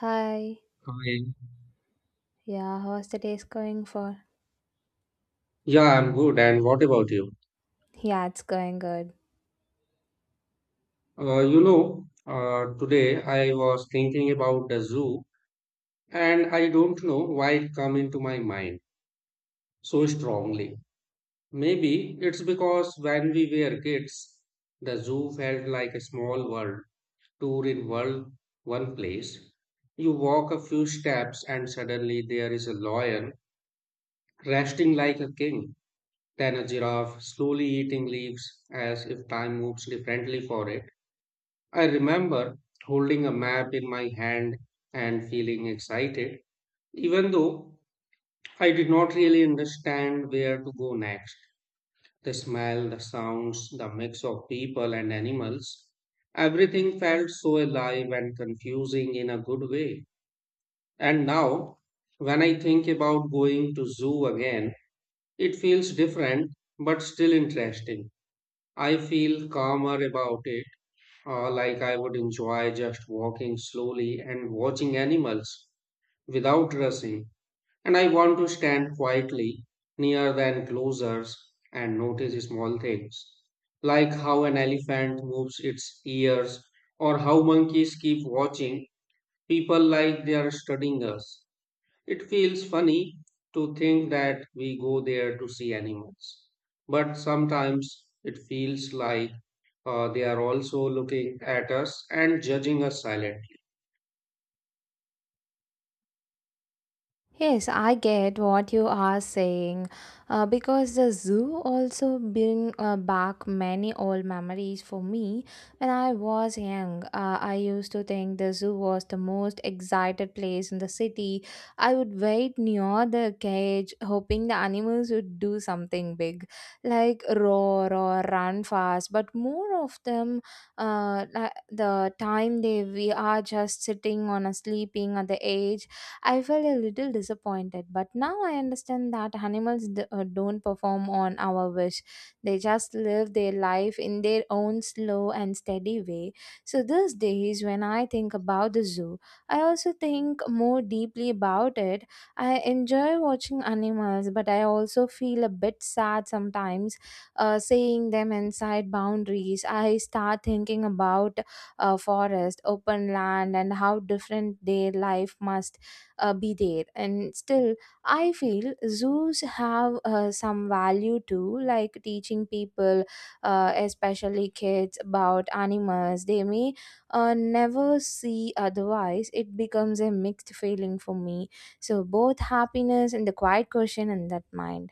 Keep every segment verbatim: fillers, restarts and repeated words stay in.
Hi. Hi. Yeah, how's the day's going for? Yeah, I'm good. And what about you? Yeah, it's going good. Uh, you know, uh, today I was thinking about the zoo, and I don't know why it come into my mind so strongly. Maybe it's because when we were kids, the zoo felt like a small world tour in world one place. You walk a few steps, and suddenly there is a lion resting like a king, then a giraffe slowly eating leaves as if time moves differently for it. I remember holding a map in my hand and feeling excited, even though I did not really understand where to go next. The smell, the sounds, the mix of people and animals, everything felt so alive and confusing in a good way. And now, when I think about going to zoo again, it feels different but still interesting. I feel calmer about it. Uh, like I would enjoy just walking slowly and watching animals without rushing. And I want to stand quietly near the enclosures and notice small things, like how an elephant moves its ears or how monkeys keep watching people like they are studying us. It feels funny to think that we go there to see animals, but sometimes it feels like uh, they are also looking at us and judging us silently. Yes, I get what you are saying uh, because the zoo also bring uh, back many old memories for me. When I was young, uh, I used to think the zoo was the most excited place in the city. I would wait near the cage hoping the animals would do something big like roar or run fast, but more of them uh, li- the time they we are just sitting on a sleeping at the edge. I felt a little disappointed, but now I understand that animals d- uh, don't perform on our wish. They just live their life in their own slow and steady way. So, these days, when I think about the zoo, I also think more deeply about it. I enjoy watching animals, but I also feel a bit sad sometimes uh, seeing them inside boundaries. I start thinking about uh, forest, open land, and how different their life must uh, be there. And still I feel zoos have uh, some value too, like teaching people, uh, especially kids, about animals they may uh, never see otherwise. It becomes a mixed feeling for me, so both happiness and the quiet question in that mind.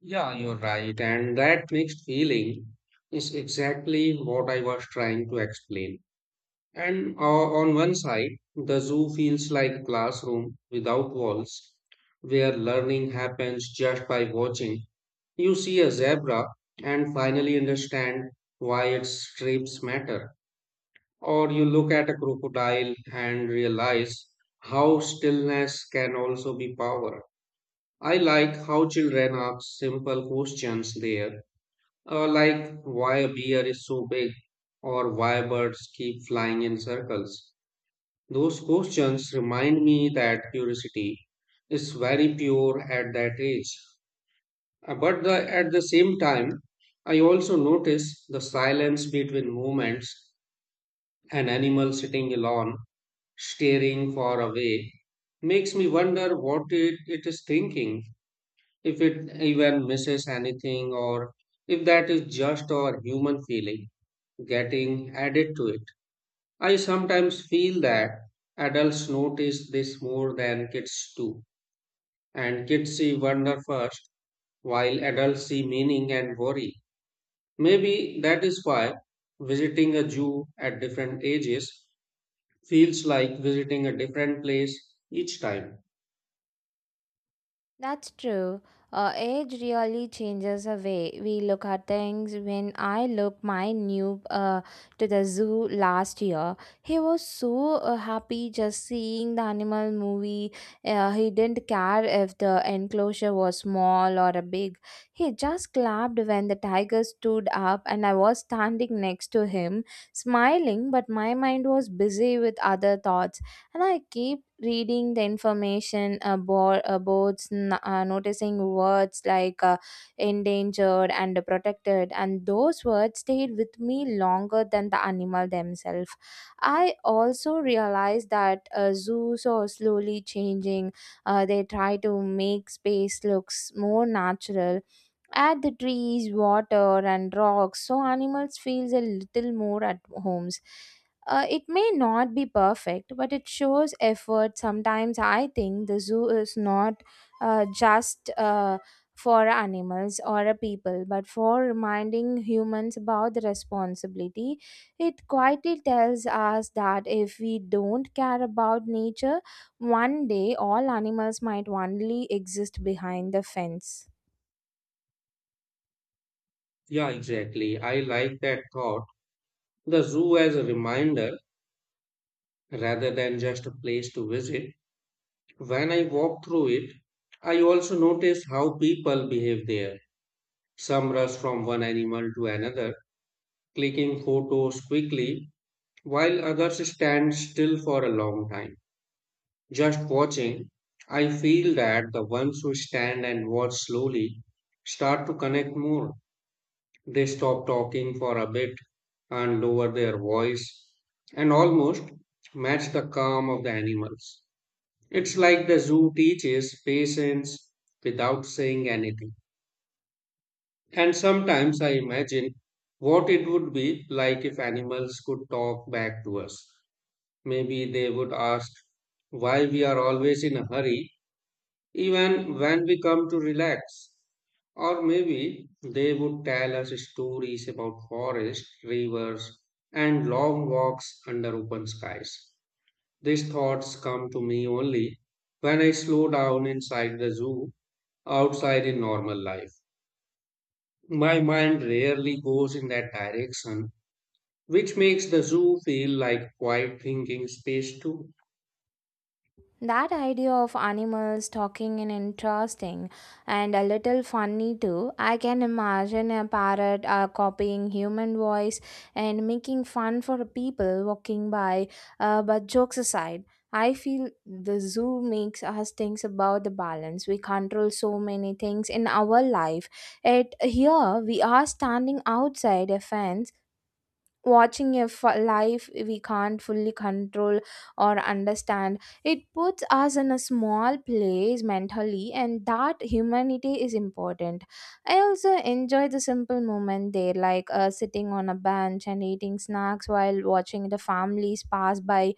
Yeah, you're right. And that mixed feeling is exactly what I was trying to explain. And uh, on one side, the zoo feels like a classroom without walls, where learning happens just by watching. You see a zebra and finally understand why its stripes matter. Or you look at a crocodile and realize how stillness can also be power. I like how children ask simple questions there, uh, like why a bear is so big or why birds keep flying in circles. Those questions remind me that curiosity is very pure at that age. Uh, But the, at the same time, I also notice the silence between movements. An animal sitting alone, staring far away, makes me wonder what it, it is thinking, if it even misses anything or if that is just our human feeling getting added to it. I sometimes feel that adults notice this more than kids do, and kids see wonder first, while adults see meaning and worry. Maybe that is why visiting a zoo at different ages feels like visiting a different place each time. That's true. Uh, age really changes the way we look at things. When I look my new uh, to the zoo last year, he was so uh, happy just seeing the animal movie. Uh, he didn't care if the enclosure was small or a big. He just clapped when the tiger stood up, and I was standing next to him, smiling. But my mind was busy with other thoughts, and I keep reading the information about boards, n- uh, noticing words like uh, endangered and protected, and those words stayed with me longer than the animal themselves. I also realized that uh, zoos are slowly changing. Uh, they try to make space looks more natural, add the trees, water and rocks so animals feels a little more at homes. Uh, it may not be perfect, but it shows effort. Sometimes I think the zoo is not uh, just uh, for animals or a people, but for reminding humans about the responsibility. It quietly tells us that if we don't care about nature, one day all animals might only exist behind the fence. Yeah, exactly. I like that thought. The zoo as a reminder rather than just a place to visit. When I walk through it, I also notice how people behave there. Some rush from one animal to another, clicking photos quickly, while others stand still for a long time. Just watching, I feel that the ones who stand and watch slowly start to connect more. They stop talking for a bit and lower their voice and almost match the calm of the animals. It's like the zoo teaches patience without saying anything. And sometimes I imagine what it would be like if animals could talk back to us. Maybe they would ask why we are always in a hurry, even when we come to relax. Or maybe they would tell us stories about forests, rivers, and long walks under open skies. These thoughts come to me only when I slow down inside the zoo outside in normal life. My mind rarely goes in that direction, which makes the zoo feel like quiet thinking space too. That idea of animals talking is interesting and a little funny too. I can imagine a parrot uh, copying human voice and making fun for people walking by. Uh, but jokes aside, I feel the zoo makes us think about the balance. We control so many things in our life. At here, we are standing outside a fence watching a f- life we can't fully control or understand. It puts us in a small place mentally, and that humanity is important. I also enjoy the simple moment there, like uh, sitting on a bench and eating snacks while watching the families pass by.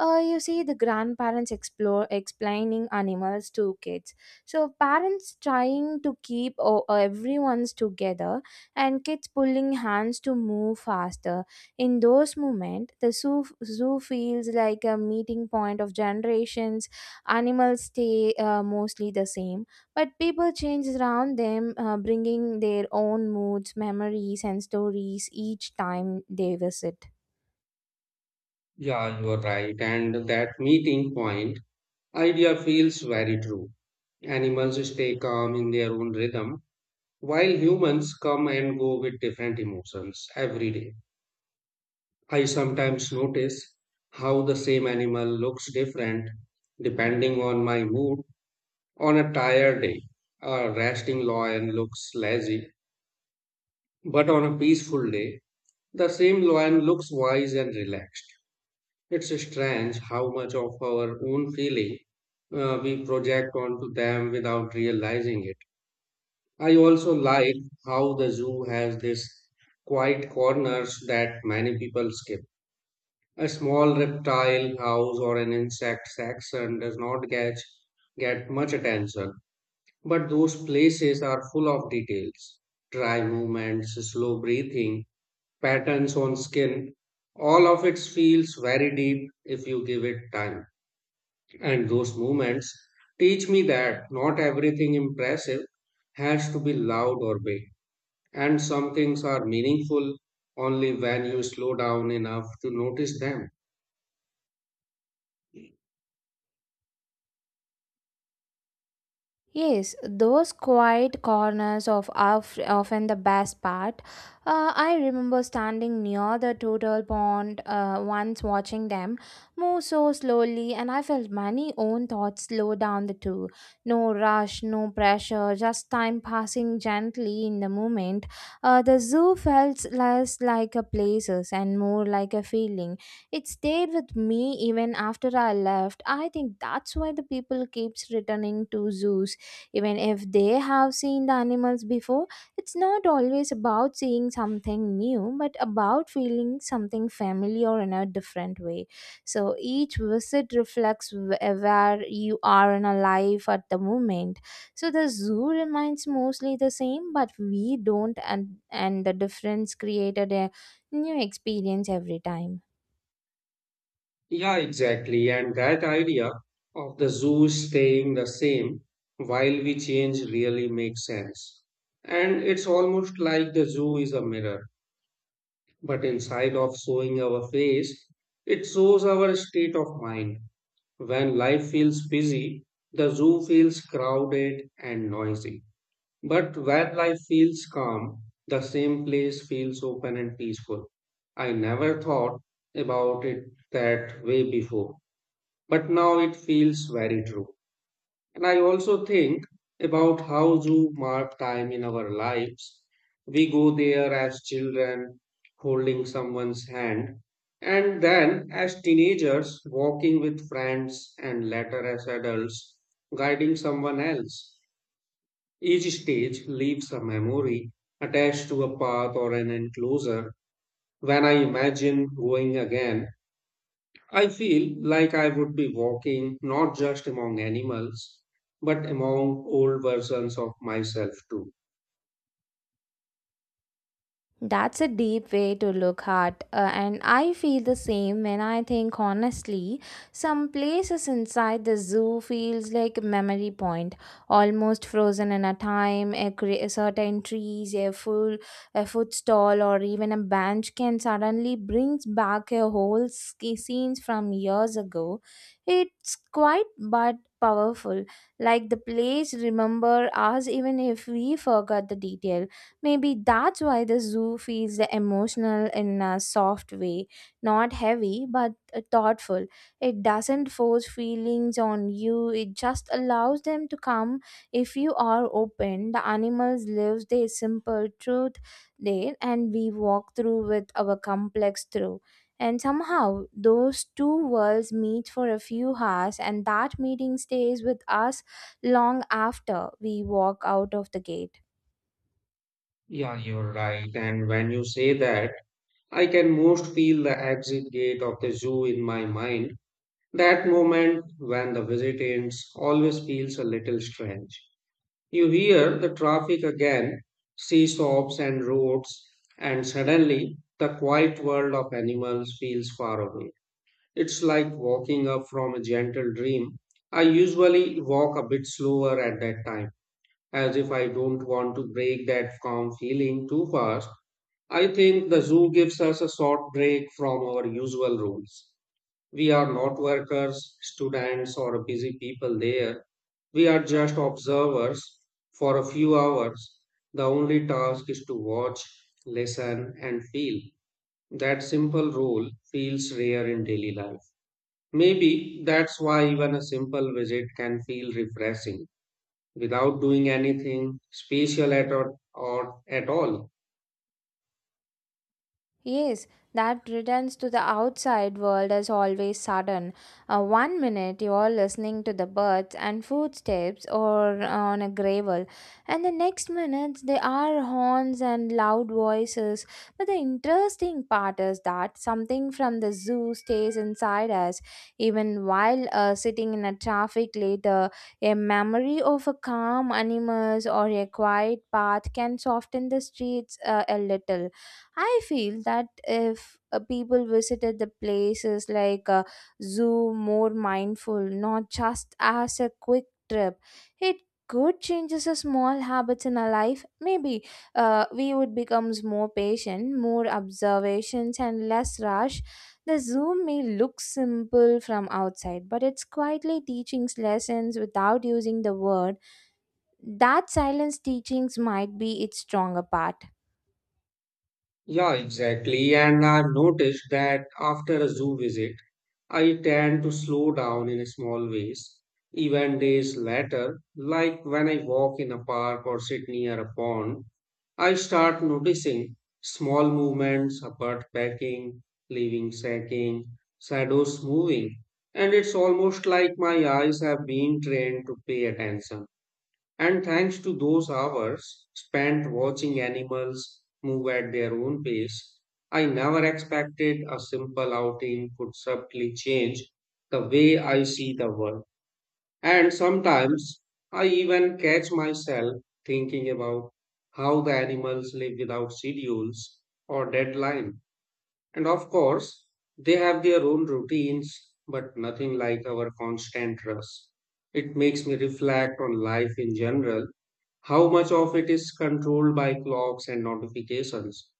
Uh, you see the grandparents explore explaining animals to kids, so parents trying to keep o- everyone's together and kids pulling hands to move faster. In those moments the zoo, zoo feels like a meeting point of generations. Animals stay uh, mostly the same, but people change around them, uh, bringing their own moods, memories and stories each time they visit. Yeah, you are right. And that meeting point idea feels very true. Animals stay calm in their own rhythm, while humans come and go with different emotions every day. I sometimes notice how the same animal looks different depending on my mood. On a tired day, a resting lion looks lazy, but on a peaceful day, the same lion looks wise and relaxed. It's strange how much of our own feeling uh, we project onto them without realizing it. I also like how the zoo has these quiet corners that many people skip. A small reptile house or an insect section does not get, get much attention. But those places are full of details, dry movements, slow breathing, patterns on skin. All of it feels very deep if you give it time. And those movements teach me that not everything impressive has to be loud or big. And some things are meaningful only when you slow down enough to notice them. Yes, those quiet corners of are f- often the best part. Uh, I remember standing near the turtle pond uh, once watching them move so slowly, and I felt my own thoughts slow down the two. No rush, no pressure, just time passing gently in the moment. Uh, the zoo felt less like a places and more like a feeling. It stayed with me even after I left. I think that's why the people keeps returning to zoos. Even if they have seen the animals before, it's not always about seeing something new, but about feeling something familiar in a different way. So each visit reflects wh- where you are in a life at the moment. So the zoo remains mostly the same, but we don't, and, and the difference created a new experience every time. Yeah, exactly. And that idea of the zoo staying the same while we change really makes sense. And it's almost like the zoo is a mirror, but inside of showing our face, it shows our state of mind. When life feels busy, the zoo feels crowded and noisy. But when life feels calm, the same place feels open and peaceful. I never thought about it that way before, but now it feels very true. And I also think about how zoo mark time in our lives. We go there as children, holding someone's hand, and then as teenagers, walking with friends, and later as adults, guiding someone else. Each stage leaves a memory attached to a path or an enclosure. When I imagine going again, I feel like I would be walking not just among animals, but among old versions of myself too. That's a deep way to look at, uh, and I feel the same when I think honestly. Some places inside the zoo feels like a memory point, almost frozen in a time. A, cre- a certain trees, a full, a food stall, or even a bench can suddenly brings back a whole ski scenes from years ago. It's quite but powerful, like the place remember us even if we forgot the detail. Maybe that's why the zoo feels the emotional in a soft way, not heavy but uh, thoughtful. It doesn't force feelings on you, it just allows them to come if you are open. The animals live their simple truth there, and we walk through with our complex through. And somehow, those two worlds meet for a few hours, and that meeting stays with us long after we walk out of the gate. Yeah, you're right. And when you say that, I can most feel the exit gate of the zoo in my mind. That moment when the visit ends always feels a little strange. You hear the traffic again, see stops and roads, and suddenly the quiet world of animals feels far away. It's like walking up from a gentle dream. I usually walk a bit slower at that time, as if I don't want to break that calm feeling too fast. I think the zoo gives us a short break from our usual rules. We are not workers, students, or busy people there. We are just observers for a few hours. The only task is to watch, listen, and feel. That simple rule feels rare in daily life. Maybe that's why even a simple visit can feel refreshing without doing anything special at all, or at all. Yes, that returns to the outside world is always sudden. Uh, one minute you are listening to the birds and footsteps or uh, on a gravel, and the next minute there are horns and loud voices. But the interesting part is that something from the zoo stays inside us, even while uh, sitting in a traffic later. A memory of a calm animals or a quiet path can soften the streets uh, a little. I feel that if uh, people visited the places like a zoo more mindful, not just as a quick trip, it could change the small habits in our life. Maybe uh, we would become more patient, more observations, and less rush. The zoo may look simple from outside, but it's quietly teaching lessons without using the word. That silence teachings might be its stronger part. Yeah, exactly. And I've noticed that after a zoo visit, I tend to slow down in small ways, even days later, like when I walk in a park or sit near a pond. I start noticing small movements, a bird pecking, leaving sacking, shadows moving, and it's almost like my eyes have been trained to pay attention. And thanks to those hours spent watching animals move at their own pace, I never expected a simple outing could subtly change the way I see the world. And sometimes I even catch myself thinking about how the animals live without schedules or deadline. And of course, they have their own routines, but nothing like our constant rush. It makes me reflect on life in general, how much of it is controlled by clocks and notifications?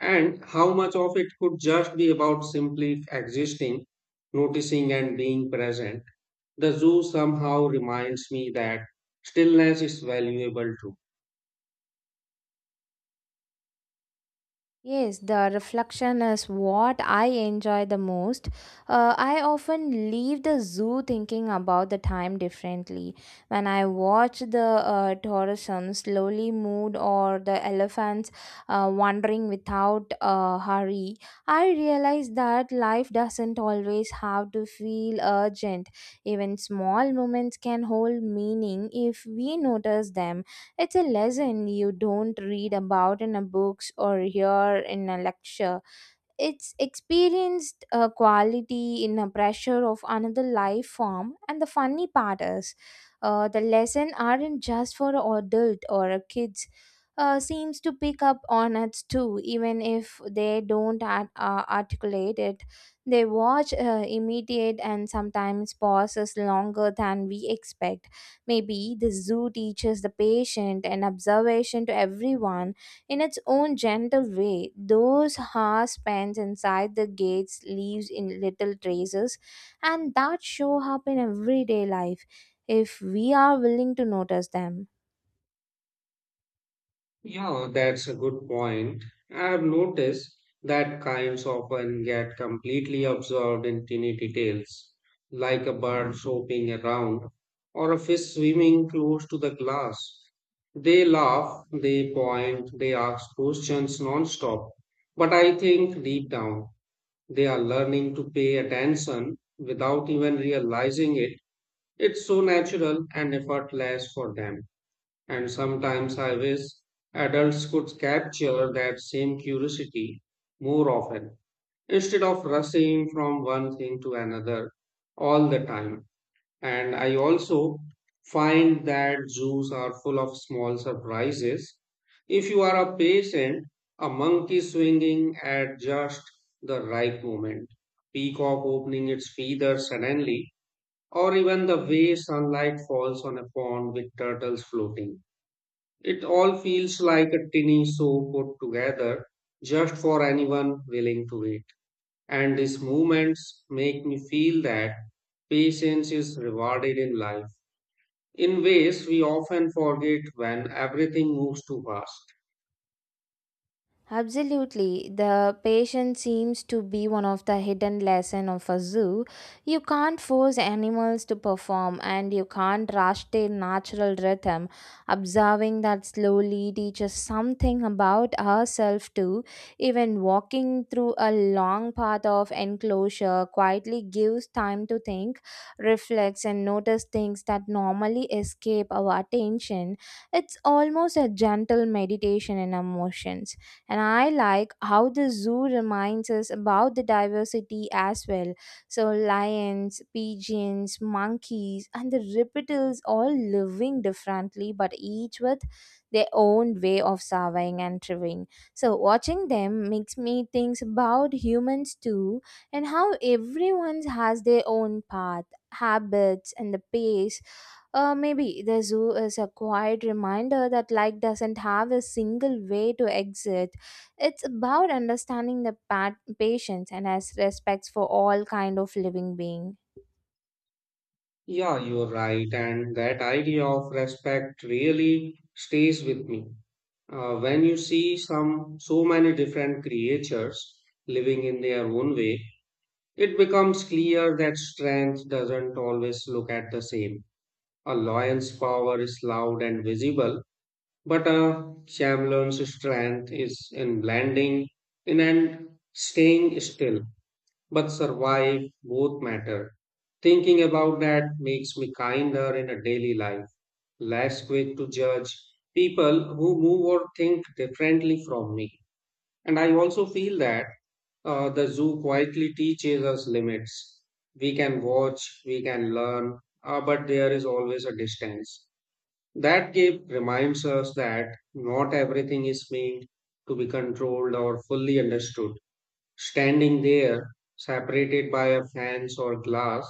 And how much of it could just be about simply existing, noticing, and being present? The zoo somehow reminds me that stillness is valuable too. Yes, the reflection is what I enjoy the most. Uh, I often leave the zoo thinking about the time differently. When I watch the uh, tourism slowly move or the elephants uh, wandering without uh, hurry, I realize that life doesn't always have to feel urgent. Even small moments can hold meaning if we notice them. It's a lesson you don't read about in a books or hear in a lecture. It's experienced a quality in a pressure of another life form, and the funny part is, uh, the lesson aren't just for adult or a kids. Uh, seems to pick up on it too, even if they don't art- uh, articulate it. They watch, uh, imitate, and sometimes pauses longer than we expect. Maybe the zoo teaches the patient and observation to everyone in its own gentle way. Those hours spent inside the gates leaves in little traces, and that show up in everyday life if we are willing to notice them. Yeah, that's a good point. I've noticed that kinds often get completely absorbed in tiny details, like a bird swooping around or a fish swimming close to the glass. They laugh, they point, they ask questions non-stop. But I think deep down, they are learning to pay attention without even realizing it. It's so natural and effortless for them. And sometimes I wish adults could capture that same curiosity more often instead of rushing from one thing to another all the time. And I also find that zoos are full of small surprises. If you are a patient, a monkey swinging at just the right moment, peacock opening its feathers suddenly, or even the way sunlight falls on a pond with turtles floating, it all feels like a tinny show put together just for anyone willing to wait. And these movements make me feel that patience is rewarded in life in ways we often forget when everything moves too fast. Absolutely. The patience seems to be one of the hidden lesson of a zoo. You can't force animals to perform, and you can't rush their natural rhythm. Observing that slowly teaches something about ourselves too. Even walking through a long path of enclosure quietly gives time to think, reflect and notice things that normally escape our attention. It's almost a gentle meditation in emotions. And I like how the zoo reminds us about the diversity as well, so lions, pigeons, monkeys and the reptiles all living differently but each with their own way of surviving and thriving. So watching them makes me think about humans too, and how everyone has their own path, habits and the pace. Uh, maybe the zoo is a quiet reminder that life doesn't have a single way to exit. It's about understanding the pat- patience and has respects for all kind of living being. Yeah, you're right, and that idea of respect really stays with me. Uh, when you see some so many different creatures living in their own way, it becomes clear that strength doesn't always look at the same. A lion's power is loud and visible, but a chameleon's strength is in blending in and staying still. But survive both matter. Thinking about that makes me kinder in a daily life, less quick to judge people who move or think differently from me. And I also feel that uh, the zoo quietly teaches us limits. We can watch, we can learn, uh, but there is always a distance. That gap reminds us that not everything is meant to be controlled or fully understood. Standing there, separated by a fence or glass,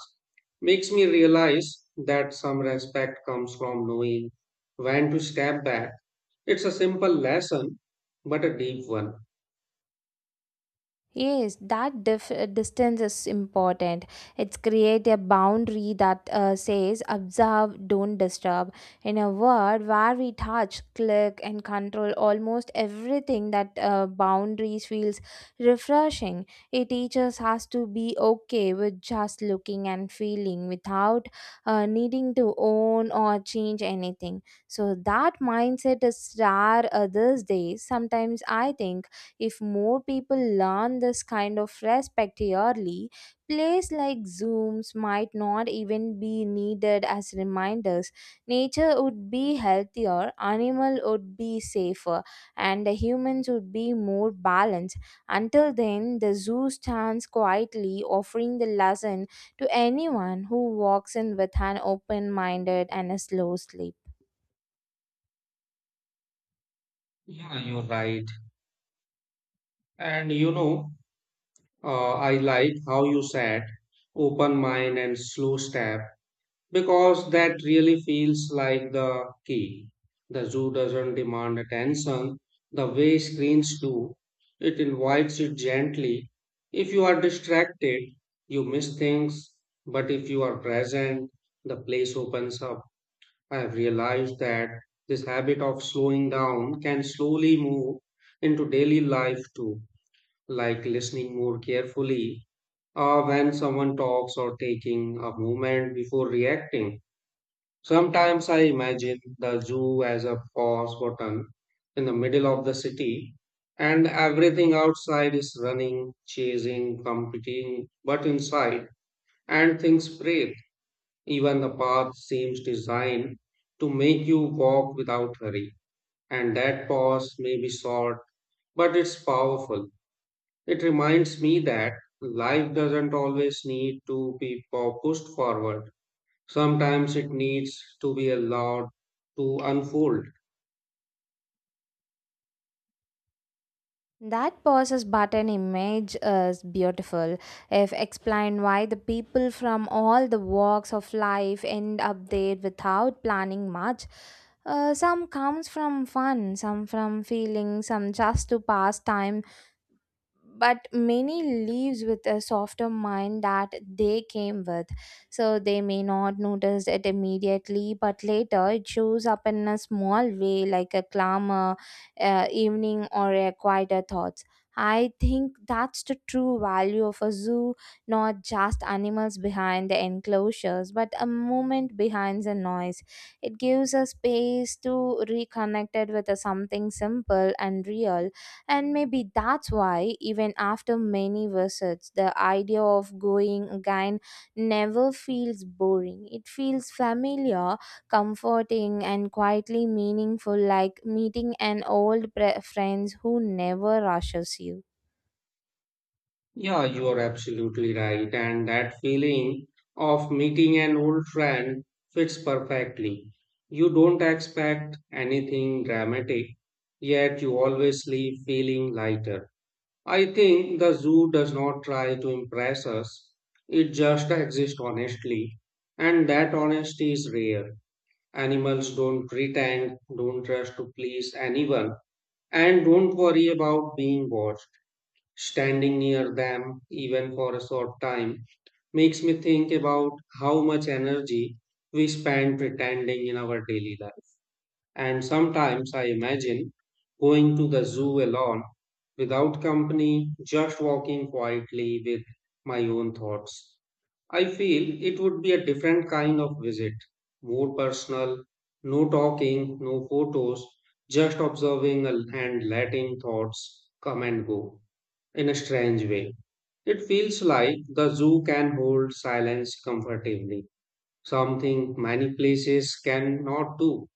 makes me realize that some respect comes from knowing when to step back. It's a simple lesson, but a deep one. Yes, that dif- uh, distance is important. It's create a boundary that uh, says observe, don't disturb. In a world where we touch, click, and control almost everything, that uh, boundaries feels refreshing. It teaches us to be okay with just looking and feeling without uh, needing to own or change anything. So that mindset is rare uh, these days. Sometimes I think if more people learn this kind of respect yearly, plays like Zooms might not even be needed as reminders. Nature would be healthier, animal would be safer, and the humans would be more balanced. Until then, the zoo stands quietly offering the lesson to anyone who walks in with an open minded and a slow sleep. Yeah, you're right. And you know, Uh, I like how you said open mind and slow step because that really feels like the key. The zoo doesn't demand attention the way screens do, it invites it gently. If you are distracted, you miss things, but if you are present, the place opens up. I have realized that this habit of slowing down can slowly move into daily life too, like listening more carefully uh, when someone talks or taking a moment before reacting. Sometimes I imagine the zoo as a pause button in the middle of the city, and everything outside is running, chasing, competing, but inside, and things breathe. Even the path seems designed to make you walk without hurry, and that pause may be short, but it's powerful. It reminds me that life doesn't always need to be pu- pushed forward. Sometimes it needs to be allowed to unfold. That Persis Button image is beautiful. If explained why the people from all the walks of life end up there without planning much. Uh, some comes from fun, some from feeling, some just to pass time, but many leaves with a softer mind that they came with. So they may not notice it immediately, but later it shows up in a small way, like a clamor uh, evening or a quieter thoughts. I think that's the true value of a zoo, not just animals behind the enclosures but a moment behind the noise. It gives a space to reconnect it with a something simple and real. And maybe that's why, even after many visits, the idea of going again never feels boring. It feels familiar, comforting, and quietly meaningful, like meeting an old pre- friend who never rushes you. Yeah, you are absolutely right. And that feeling of meeting an old friend fits perfectly. You don't expect anything dramatic, yet you always leave feeling lighter. I think the zoo does not try to impress us, it just exists honestly, and that honesty is rare. Animals don't pretend, don't rush to please anyone, and don't worry about being watched. Standing near them, even for a short time, makes me think about how much energy we spend pretending in our daily life. And sometimes I imagine going to the zoo alone without company, just walking quietly with my own thoughts. I feel it would be a different kind of visit, more personal, no talking, no photos, just observing a- and letting thoughts come and go in a strange way. It feels like the zoo can hold silence comfortably, something many places cannot do.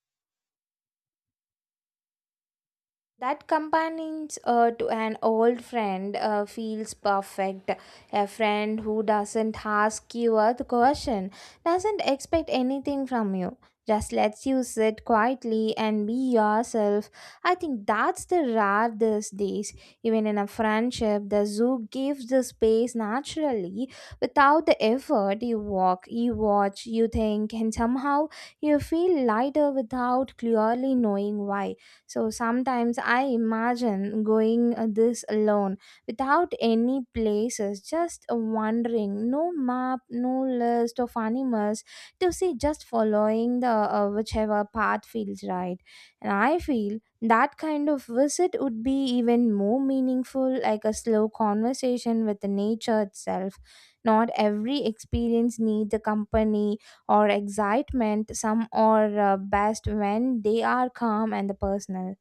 That companions uh, to an old friend uh, feels perfect. A friend who doesn't ask you a question, doesn't expect anything from you, just lets you sit quietly and be yourself. I think that's the rare these days. Even in a friendship, the zoo gives the space naturally without the effort. You walk, you watch, you think, and somehow you feel lighter without clearly knowing why. So sometimes I imagine going uh, this alone without any places, just uh, wandering, no map, no list of animals to see, just following the uh, whichever path feels right. And I feel that kind of visit would be even more meaningful, like a slow conversation with the nature itself. Not every experience needs a company or excitement. Some are uh, best when they are calm and personal.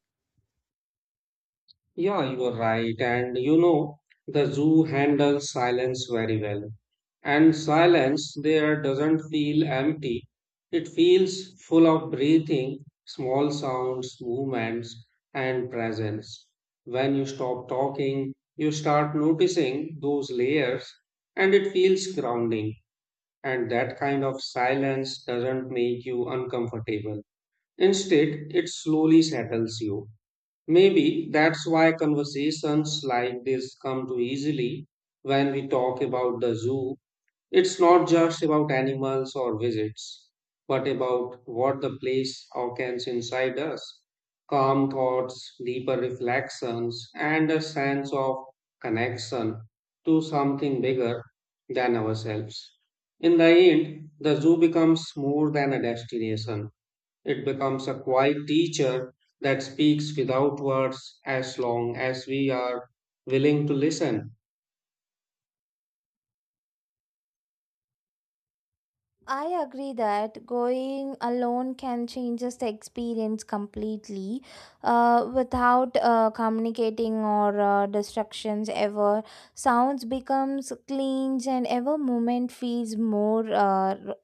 Yeah, you are right. And you know, the zoo handles silence very well. And silence there doesn't feel empty, it feels full of breathing, small sounds, movements, and presence. When you stop talking, you start noticing those layers, and it feels grounding. And that kind of silence doesn't make you uncomfortable. Instead, it slowly settles you. Maybe that's why conversations like this come too easily when we talk about the zoo. It's not just about animals or visits, but about what the place awakens inside us. Calm thoughts, deeper reflections, and a sense of connection to something bigger than ourselves. In the end, the zoo becomes more than a destination. It becomes a quiet teacher that speaks without words as long as we are willing to listen. I agree that going alone can change the experience completely uh, without uh, communicating or uh, distractions ever. Sounds becomes clean and ever moment feels more uh,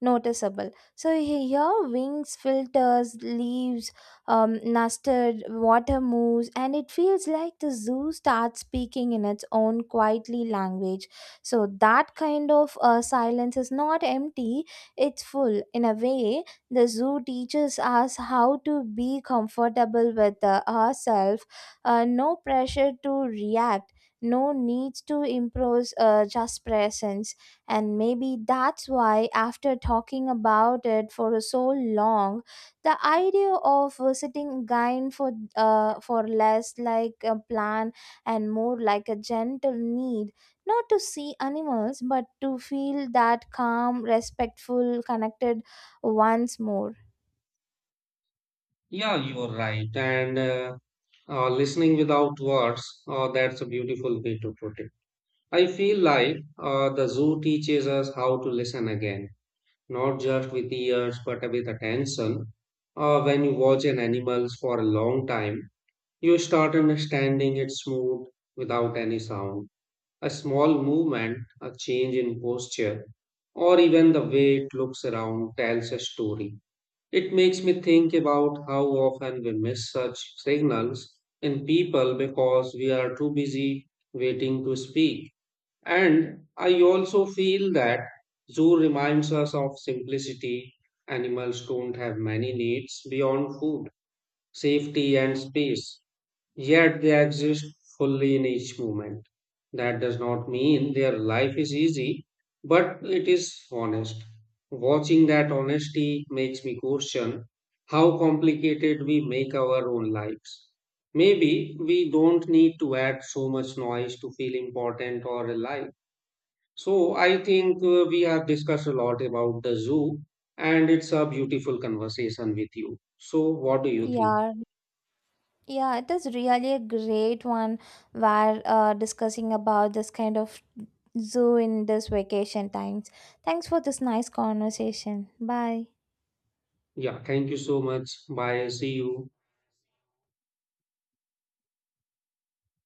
noticeable. So he- here, wings, filters, leaves, um, nested, water moves, and it feels like the zoo starts speaking in its own quietly language. So that kind of uh, silence is not empty; it's full. In a way, the zoo teaches us how to be comfortable with uh, ourselves, uh, no pressure to react. No needs to impose uh, just presence. And maybe that's why, after talking about it for so long, the idea of uh, sitting again for, uh, for less like a plan and more like a gentle need, not to see animals, but to feel that calm, respectful, connected once more. Yeah, you're right. And uh, uh, listening without words, uh, that's a beautiful way to put it. I feel like uh, the zoo teaches us how to listen again, not just with ears but with attention. Uh, when you watch an animal for a long time, you start understanding its mood without any sound. A small movement, a change in posture, or even the way it looks around tells a story. It makes me think about how often we miss such signals in people because we are too busy waiting to speak. And I also feel that zoo reminds us of simplicity. Animals don't have many needs beyond food, safety, and space. Yet they exist fully in each moment. That does not mean their life is easy, but it is honest. Watching that honesty makes me question how complicated we make our own lives. Maybe we don't need to add so much noise to feel important or alive. So I think uh, we have discussed a lot about the zoo and it's a beautiful conversation with you. So what do you think? Yeah, yeah, it is really a great one where uh, discussing about this kind of zoo in this vacation times. Thanks for this nice conversation. Bye. Yeah, thank you so much. Bye. See you.